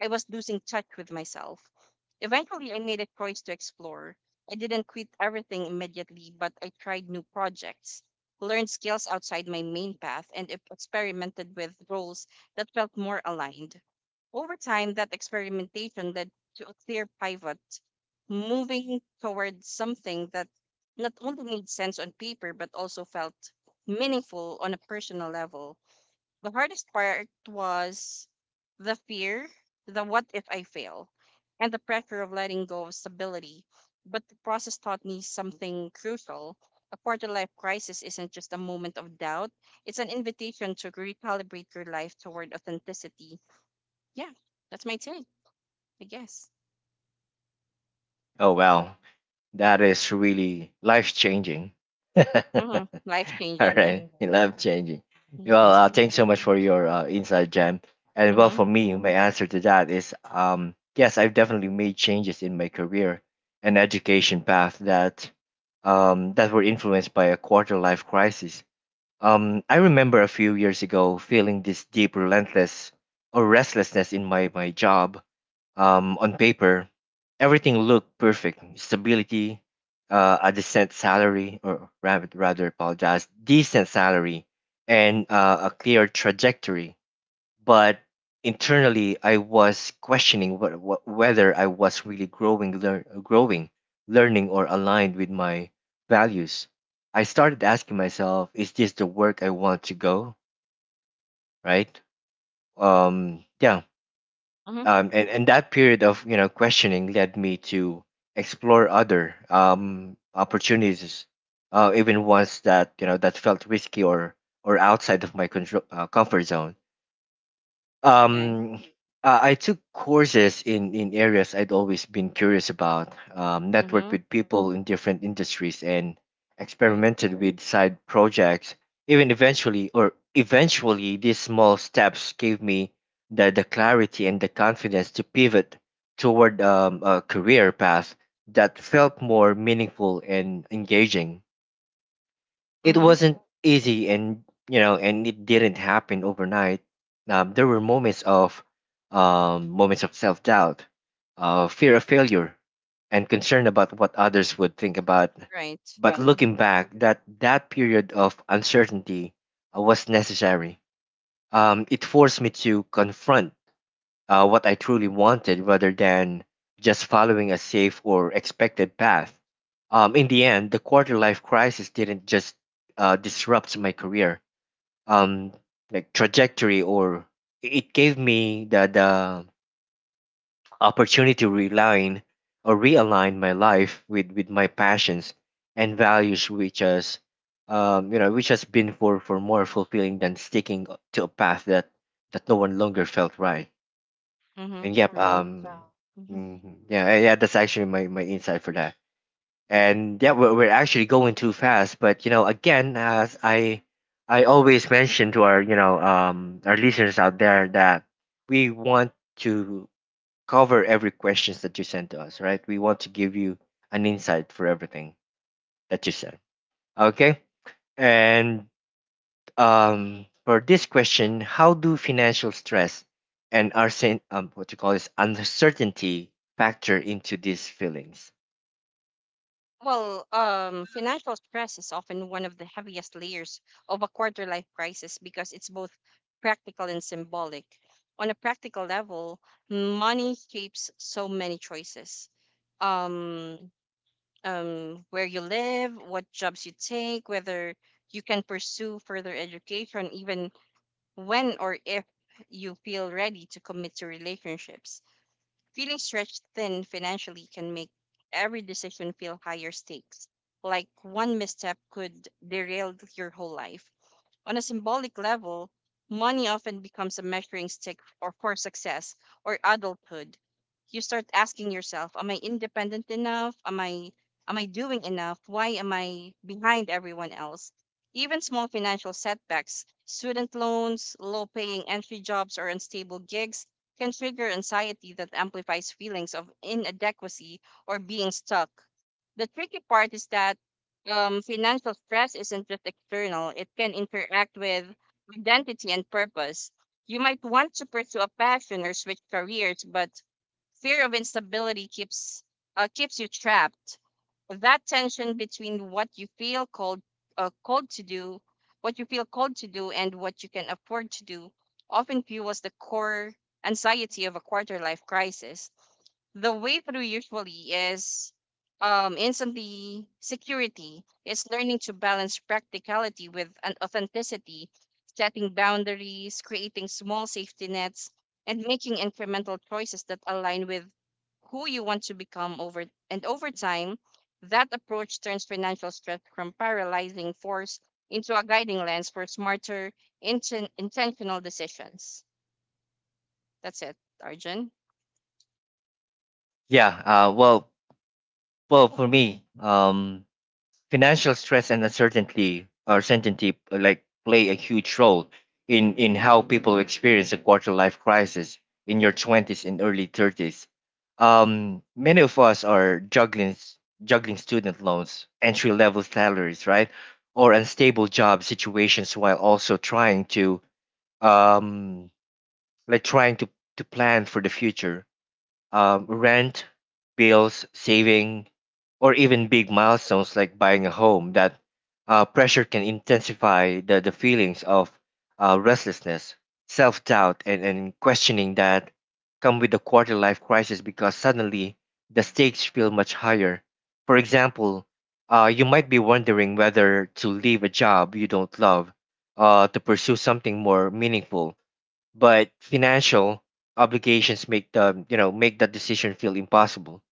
Speaker 2: I was losing touch with myself. Eventually, I made a choice to explore. I didn't quit everything immediately, but I tried new projects, learned skills outside my main path, and experimented with roles that felt more aligned. Over time, that experimentation led to a clear pivot, moving towards something that not only made sense on paper, but also felt meaningful on a personal level. The hardest part was the fear, the what if I fail, and the pressure of letting go of stability. But the process taught me something crucial. A quarter life crisis isn't just a moment of doubt, it's an invitation to recalibrate your life toward authenticity. Yeah, that's my take, I guess.
Speaker 1: Oh wow, that is really life changing. All
Speaker 2: Mm-hmm. Life changing, yeah.
Speaker 1: right, I love changing.
Speaker 2: You
Speaker 1: Well,
Speaker 2: can see that.
Speaker 1: thanks so much for your insight, Jam. And well,
Speaker 2: Mm-hmm.
Speaker 1: for me, my answer to that is yes, I've definitely made changes in my career and education path that that were influenced by a quarter life crisis. I remember a few years ago feeling this deep relentless or restlessness in my, my job. Um, on paper, everything looked perfect: stability, a decent salary, or rather, rather apologize, decent salary, and a clear trajectory. But internally, I was questioning whether I was really growing, growing, learning, or aligned with my values. I started asking myself, "Is this the work I want to go?" Right? Yeah,
Speaker 2: Mm-hmm.
Speaker 1: and that period of questioning led me to explore other opportunities, even ones that that felt risky or outside of my control comfort zone.
Speaker 2: Yeah.
Speaker 1: um I took courses in areas I'd always been curious about, networked
Speaker 2: Mm-hmm.
Speaker 1: with people in different industries, and
Speaker 2: Right.
Speaker 1: experimented with side projects. Even eventually, or eventually these small steps gave me the clarity and the confidence to pivot toward a career path that felt more meaningful and engaging. It
Speaker 2: Mm-hmm.
Speaker 1: wasn't easy, and and it didn't happen overnight. There were moments of self doubt, fear of failure, and concern about what others would think about.
Speaker 2: Right.
Speaker 1: But
Speaker 2: Mm-hmm.
Speaker 1: looking back, that period of uncertainty was necessary. It forced me to confront what I truly wanted rather than just following a safe or expected path. In the end, the quarter life crisis didn't just disrupt my career, um, trajectory, or it gave me the opportunity to realign or realign my life with my passions and values, which has which has been for more fulfilling than sticking to a path that, that no one longer felt right.
Speaker 2: Mm-hmm.
Speaker 1: And yep,
Speaker 2: Right. Mm-hmm.
Speaker 1: mhm. Yeah, yeah, that's actually my, my insight for that.
Speaker 2: Okay.
Speaker 1: And yeah, we're actually going too fast, but again, as I always mention to our our listeners out there that we want to cover every questions that you send to us, right? We want to give you an insight for everything that you send. Okay, and for this question, how do financial stress and arsen, what you call this uncertainty factor into these feelings?
Speaker 2: Well, financial stress is often one of the heaviest layers of a quarter life crisis because it's both practical and symbolic. On a practical level, money shapes so many choices. Um, where you live, what jobs you take, whether you can pursue further education, even when or if you feel ready to commit to relationships. Feeling stretched thin financially can make every decision feel higher stakes, like one misstep could derail your whole life. On a symbolic level, money often becomes a measuring stick or for success or adulthood. You start asking yourself, am I independent enough? Am I doing enough? Why am I behind everyone else? Even small financial setbacks, student loans, low paying entry jobs or unstable gigs can trigger anxiety that amplifies feelings of inadequacy or being stuck. The tricky part is that financial stress isn't just external, it can interact with identity and purpose. You might want to pursue a passion or switch careers, but fear of instability keeps you trapped. That tension between uh, called to do, what you feel called to do, and what you can afford to do, often fuels the core anxiety of a quarter life crisis. The way through usually is instantly security is learning to balance practicality with an authenticity, setting boundaries, creating small safety nets, and making incremental choices that align with who you want to become over and over time. That approach turns financial stress from paralyzing force into a guiding lens for smarter intentional decisions. That's it, Arjun.
Speaker 1: Yeah, well, well, for me, financial stress and uncertainty or certainty like play a huge role in how people experience a quarter life crisis in your 20s and early 30s. Many of us are juggling juggling student loans, entry level salaries, right, or unstable job situations, while also trying to um trying to plan for the future: rent, bills, saving, or even big milestones like buying a home. That pressure can intensify the feelings of restlessness, self doubt, and questioning that come with the quarter life crisis, because suddenly the stakes feel much higher. For example, you might be wondering whether to leave a job you don't love to pursue something more meaningful, but financial obligations make the make that decision feel impossible.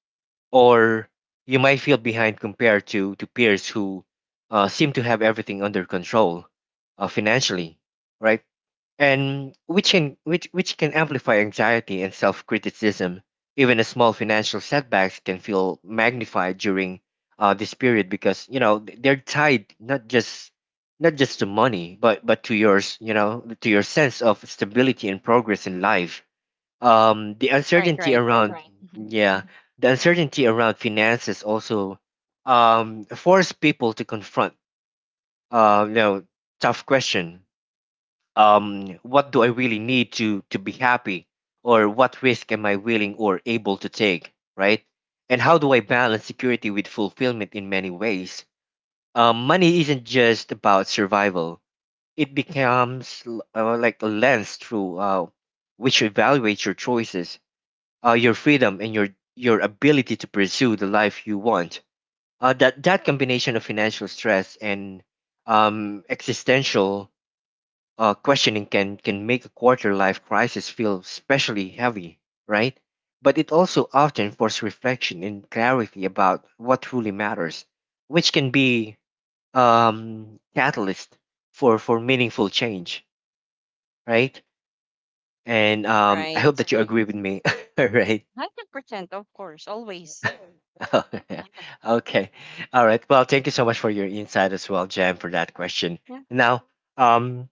Speaker 1: Or you might feel behind compared to peers who seem to have everything under control financially, right? And which can amplify anxiety and self-criticism. Even a small financial setbacks can feel magnified during this period because they're tied not just to money but to yours to your sense of stability and progress in life. The
Speaker 2: Right,
Speaker 1: uncertainty
Speaker 2: right.
Speaker 1: around
Speaker 2: Mhm.
Speaker 1: yeah the uncertainty around finances also force people to confront uh, you know tough question. What do I really need to be happy, or what risk am I willing or able to take, right? And how do I balance security with fulfillment in many ways? Money isn't just about survival; it becomes like a lens through which evaluates your choices, your freedom, and your ability to pursue the life you want. That combination of financial stress and existential questioning can make a quarter life crisis feel especially heavy, right? But it also often forces reflection and clarity about what truly matters, which can be catalyst for meaningful change, right? And I
Speaker 2: Right.
Speaker 1: hope that you agree with me, right?
Speaker 2: 100%, of course, always.
Speaker 1: Okay, all right. Well, thank you so much for your insight as well, Jam, for that question.
Speaker 2: Yeah.
Speaker 1: Now, um,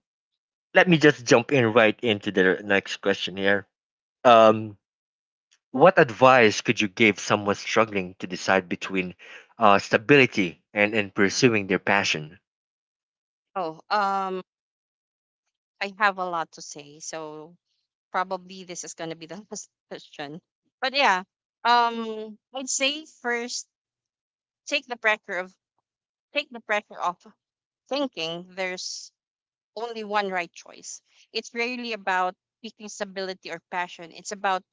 Speaker 1: let me just jump in right into the next question here. Um, What advice could you give someone struggling to decide between stability and pursuing their passion?
Speaker 2: Oh, I have a lot to say, so probably this is gonna be the last question. But yeah, I'd say first take the pressure of take the pressure off thinking there's only one right choice. It's rarely about picking stability or passion. It's about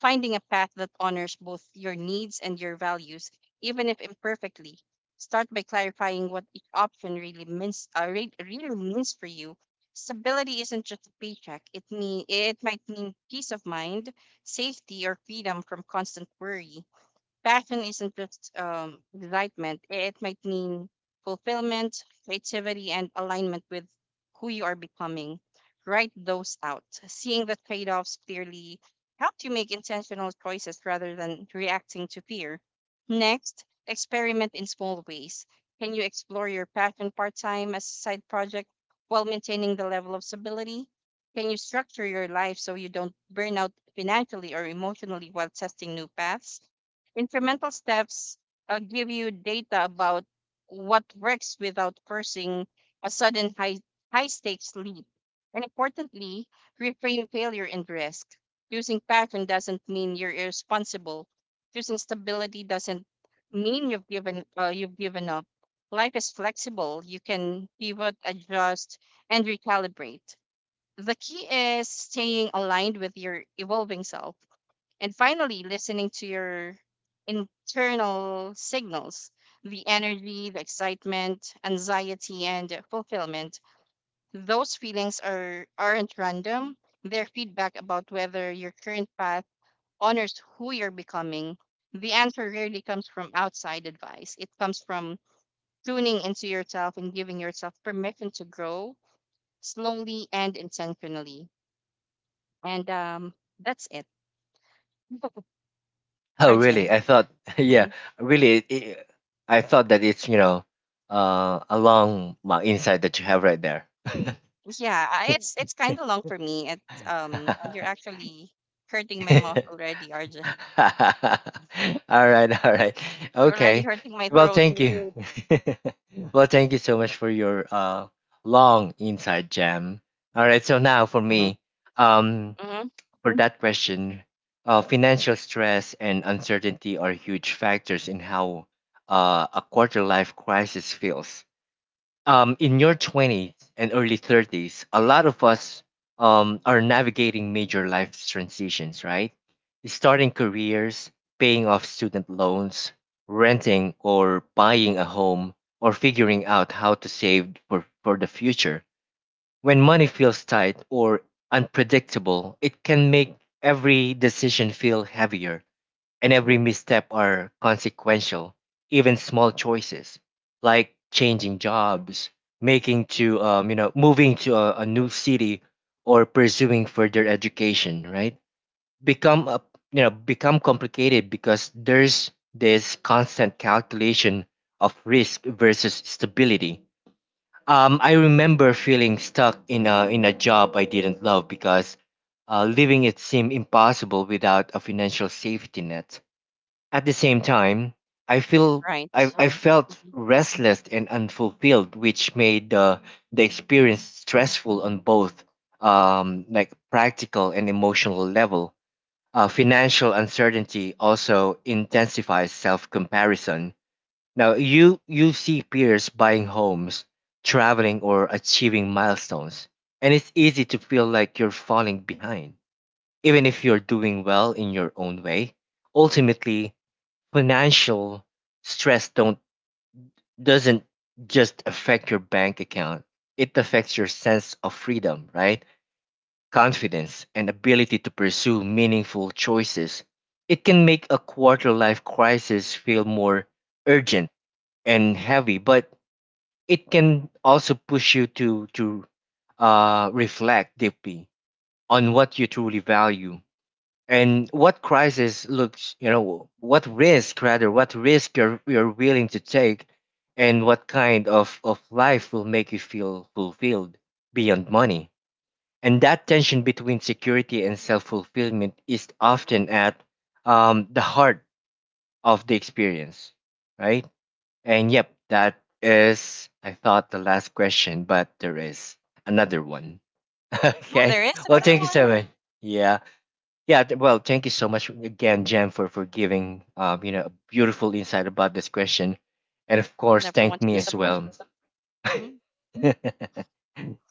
Speaker 2: finding a path that honors both your needs and your values, even if imperfectly. Start by clarifying what each option really means. Really means for you. Stability isn't just a paycheck. It might mean peace of mind, safety, or freedom from constant worry. Passion isn't just excitement, it might mean fulfillment, creativity, and alignment with who you are becoming. Write those out. Seeing the trade offs clearly helps you make intentional choices rather than reacting to fear. Next, experiment in small ways. Can you explore your passion part time as a side project while maintaining the level of stability? Can you structure your life so you don't burn out financially or emotionally while testing new paths? Incremental steps give you data about what works without forcing a sudden high stakes leap. And importantly, reframe failure and risk. Choosing pattern doesn't mean you're irresponsible. Choosing stability doesn't mean you've given up. Life is flexible. You can pivot, adjust, and recalibrate. The key is staying aligned with your evolving self. And finally, listening to your internal signals, the energy, the excitement, anxiety, and fulfillment. Those feelings aren't random, they're feedback about whether your current path honors who you're becoming. The answer rarely comes from outside advice, it comes from tuning into yourself and giving yourself permission to grow slowly and intentionally. And that's it.
Speaker 1: Oh, really?
Speaker 2: Arjun.
Speaker 1: I thought, yeah, really, I thought that it's, you know, a long well, insight that you have right there. All
Speaker 2: Yeah, it's kind of long for me. It You're actually hurting my mouth already, RJ.
Speaker 1: right, all right.
Speaker 2: You're already
Speaker 1: Okay.
Speaker 2: hurting my
Speaker 1: Well,
Speaker 2: throat.
Speaker 1: thank you. Well, thank you so much for your long insight, Jam. All right, so now for
Speaker 2: Mm-hmm.
Speaker 1: me, um,
Speaker 2: Mm-hmm.
Speaker 1: for that question, financial stress and uncertainty are huge factors in how a quarter life crisis feels. In your 20s and early 30s, a lot of us are navigating major life transitions, right? Starting careers, paying off student loans, renting or buying a home, or figuring out how to save for the future. When money feels tight or unpredictable, it can make every decision feel heavier and every misstep are consequential. Even small choices like changing jobs, making to you know moving to a new city or pursuing further education, right? Become a, you know become complicated because there's this constant calculation of risk versus stability. I remember feeling stuck in a job I didn't love because leaving it seemed impossible without a financial safety net. At the same time, I feel I,
Speaker 2: Right.
Speaker 1: I felt
Speaker 2: Hmm.
Speaker 1: restless and unfulfilled, which made the experience stressful on both like practical and emotional level. Financial uncertainty also intensifies self comparison. Now you see peers buying homes, traveling or achieving milestones, and it's easy to feel like you're falling behind. Even if you're doing well in your own way, ultimately financial stress don't doesn't just affect your bank account. It affects your sense of freedom, right? Confidence and ability to pursue meaningful choices. It can make a quarter life crisis feel more urgent and heavy, but it can also push you to reflect deeply on what you truly value and what crisis looks you know what risk rather what risk you're willing to take and what kind of life will make you feel fulfilled beyond money, and that tension between security and self-fulfillment is often at the heart of the experience, right? And yep, that is, I thought, the last question, but there is another one.
Speaker 2: Oh,
Speaker 1: Okay.
Speaker 2: there is
Speaker 1: Well,
Speaker 2: another
Speaker 1: thank you
Speaker 2: one.
Speaker 1: so much. Yeah. Yeah. Well, thank you so much again, Jen, for giving, you know, a beautiful insight about this question. And of course,
Speaker 2: Never
Speaker 1: thank
Speaker 2: want to
Speaker 1: me as
Speaker 2: disappoint.
Speaker 1: well.
Speaker 2: Mm.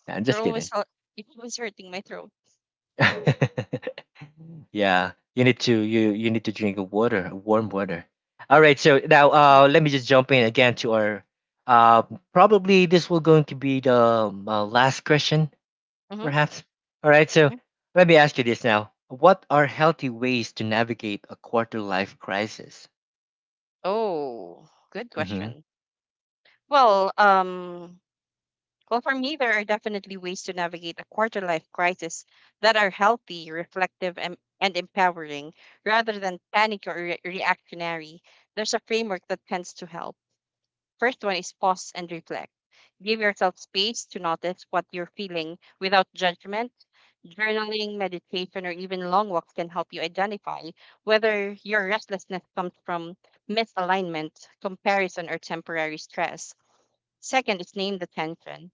Speaker 1: I'm
Speaker 2: You're
Speaker 1: just
Speaker 2: always
Speaker 1: kidding.
Speaker 2: hel- you're always hurting my throat.
Speaker 1: Yeah, you need to you need to drink water, warm water. All right, so now let me just jump in again to our uh, probably this will going to be the last question,
Speaker 2: Mm-hmm.
Speaker 1: perhaps. All right, so let me ask you this now: what are healthy ways to navigate a quarter life crisis?
Speaker 2: Oh, good
Speaker 1: Hmm.
Speaker 2: question. Well, um, Well, for me, there are definitely ways to navigate a quarter life crisis that are healthy, reflective, and, empowering rather than panic or reactionary. There's a framework that tends to help. First one is pause and reflect. Give yourself space to notice what you're feeling without judgment. Journaling, meditation, or even long walks can help you identify whether your restlessness comes from misalignment, comparison, or temporary stress. Second is name the tension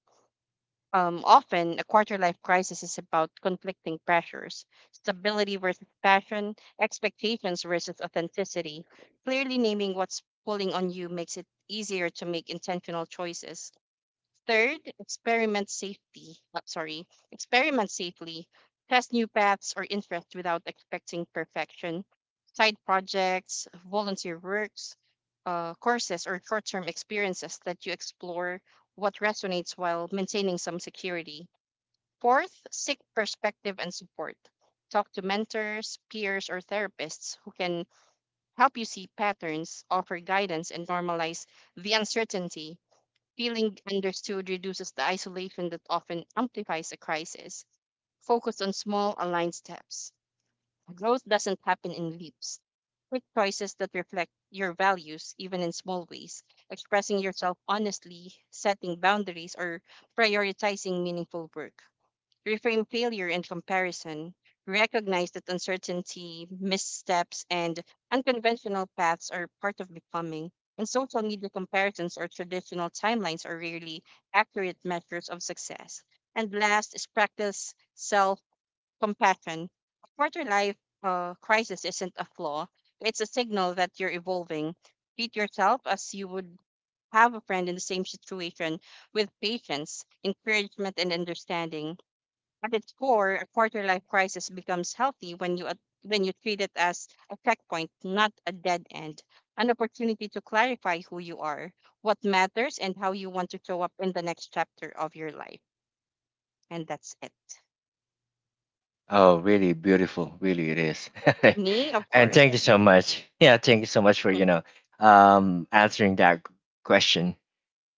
Speaker 2: um, often, a quarter life crisis is about conflicting pressures, stability versus passion, expectations versus authenticity. Clearly naming what's pulling on you makes it easier to make intentional choices. Third, experiment safety. Sorry, experiment safely. Test new paths or interests without expecting perfection. Side projects, volunteer works, courses, or short term experiences that you explore what resonates while maintaining some security. Fourth, seek perspective and support. Talk to mentors, peers, or therapists who can help you see patterns, offer guidance, and normalize the uncertainty. Feeling understood reduces the isolation that often amplifies a crisis. Focus on small, aligned steps. Growth doesn't happen in leaps. Quick choices that reflect your values, even in small ways, expressing yourself honestly, setting boundaries, or prioritizing meaningful work reframe failure and comparison. Recognize that uncertainty, missteps, and unconventional paths are part of becoming, and social media comparisons or traditional timelines are rarely accurate measures of success. And last is practice self compassion. A quarter life crisis isn't a flaw, it's a signal that you're evolving. Treat yourself as you would have a friend in the same situation with patience, encouragement, and understanding. At its core, a quarter life crisis becomes healthy when you treat it as a checkpoint, not a dead end, an opportunity to clarify who you are, what matters, and how you want to show up in the next chapter of your life. And that's it.
Speaker 1: Oh, really beautiful, really it is.
Speaker 2: Me, of
Speaker 1: And
Speaker 2: course.
Speaker 1: thank you so much. Yeah, thank you so much for answering that question.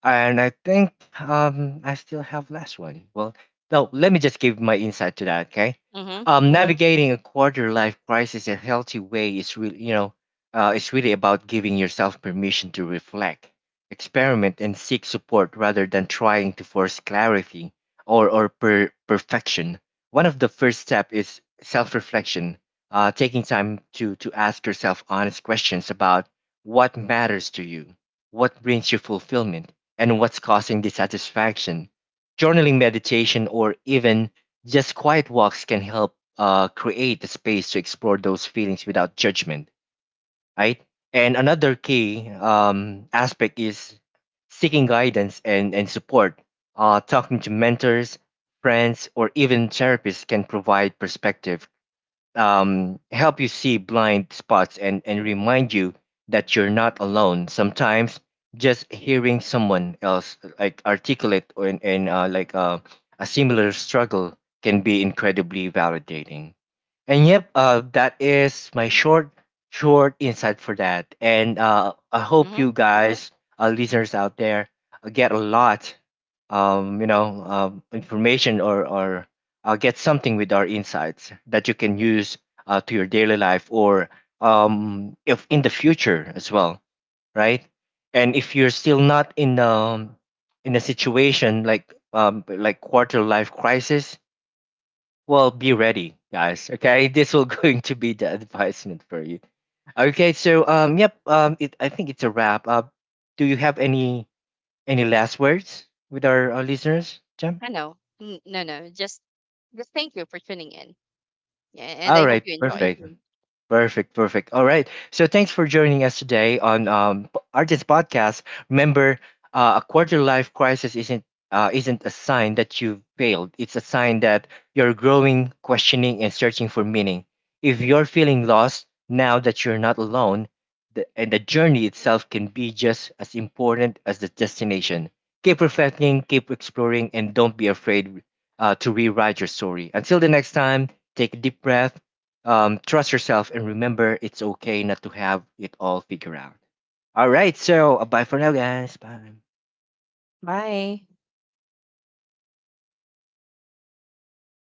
Speaker 1: And I think I still have last one. Well, no, let me just give my insight to that. Okay,
Speaker 2: Mm-hmm.
Speaker 1: mm-hmm. Navigating a quarter life crisis a healthy way is really, you know, it's really about giving yourself permission to reflect, experiment, and seek support rather than trying to force clarity perfection. One of the first step is self-reflection, taking time to ask yourself honest questions about what matters to you, what brings you fulfillment and what's causing dissatisfaction. Journaling, meditation, or even just quiet walks can help create the space to explore those feelings without judgment, right? And another key aspect is seeking guidance and support. Talking to mentors, friends, or even therapists can provide perspective, help you see blind spots and remind you that you're not alone. Sometimes just hearing someone else like articulate or in a similar struggle can be incredibly validating. And yep, that is my short, short insight for that. And I hope
Speaker 2: Mm-hmm.
Speaker 1: you guys, listeners out there, get a lot, information or get something with our insights that you can use to your daily life or if in the future as well, right? And if you're still not in a situation like quarter life crisis, well, be ready, guys. Okay, this will going to be the advisement for you. Okay, so yep, it I think it's a wrap. Do you have any last words with our listeners, Jam?
Speaker 2: I know. No, no. Just, thank you for tuning in. Yeah, and
Speaker 1: All
Speaker 2: I hope
Speaker 1: right,
Speaker 2: you enjoy.
Speaker 1: perfect. Perfect, perfect. All right. So thanks for joining us today on P- Artist Podcast. Remember, a quarter life crisis isn't a sign that you've failed. It's a sign that you're growing, questioning, and searching for meaning. If you're feeling lost now that you're not alone, and the journey itself can be just as important as the destination. Keep reflecting, keep exploring, and don't be afraid to rewrite your story. Until the next time, take a deep breath, trust yourself and remember it's okay not to have it all figured out. All right, so bye for now, guys. Bye.
Speaker 2: Bye.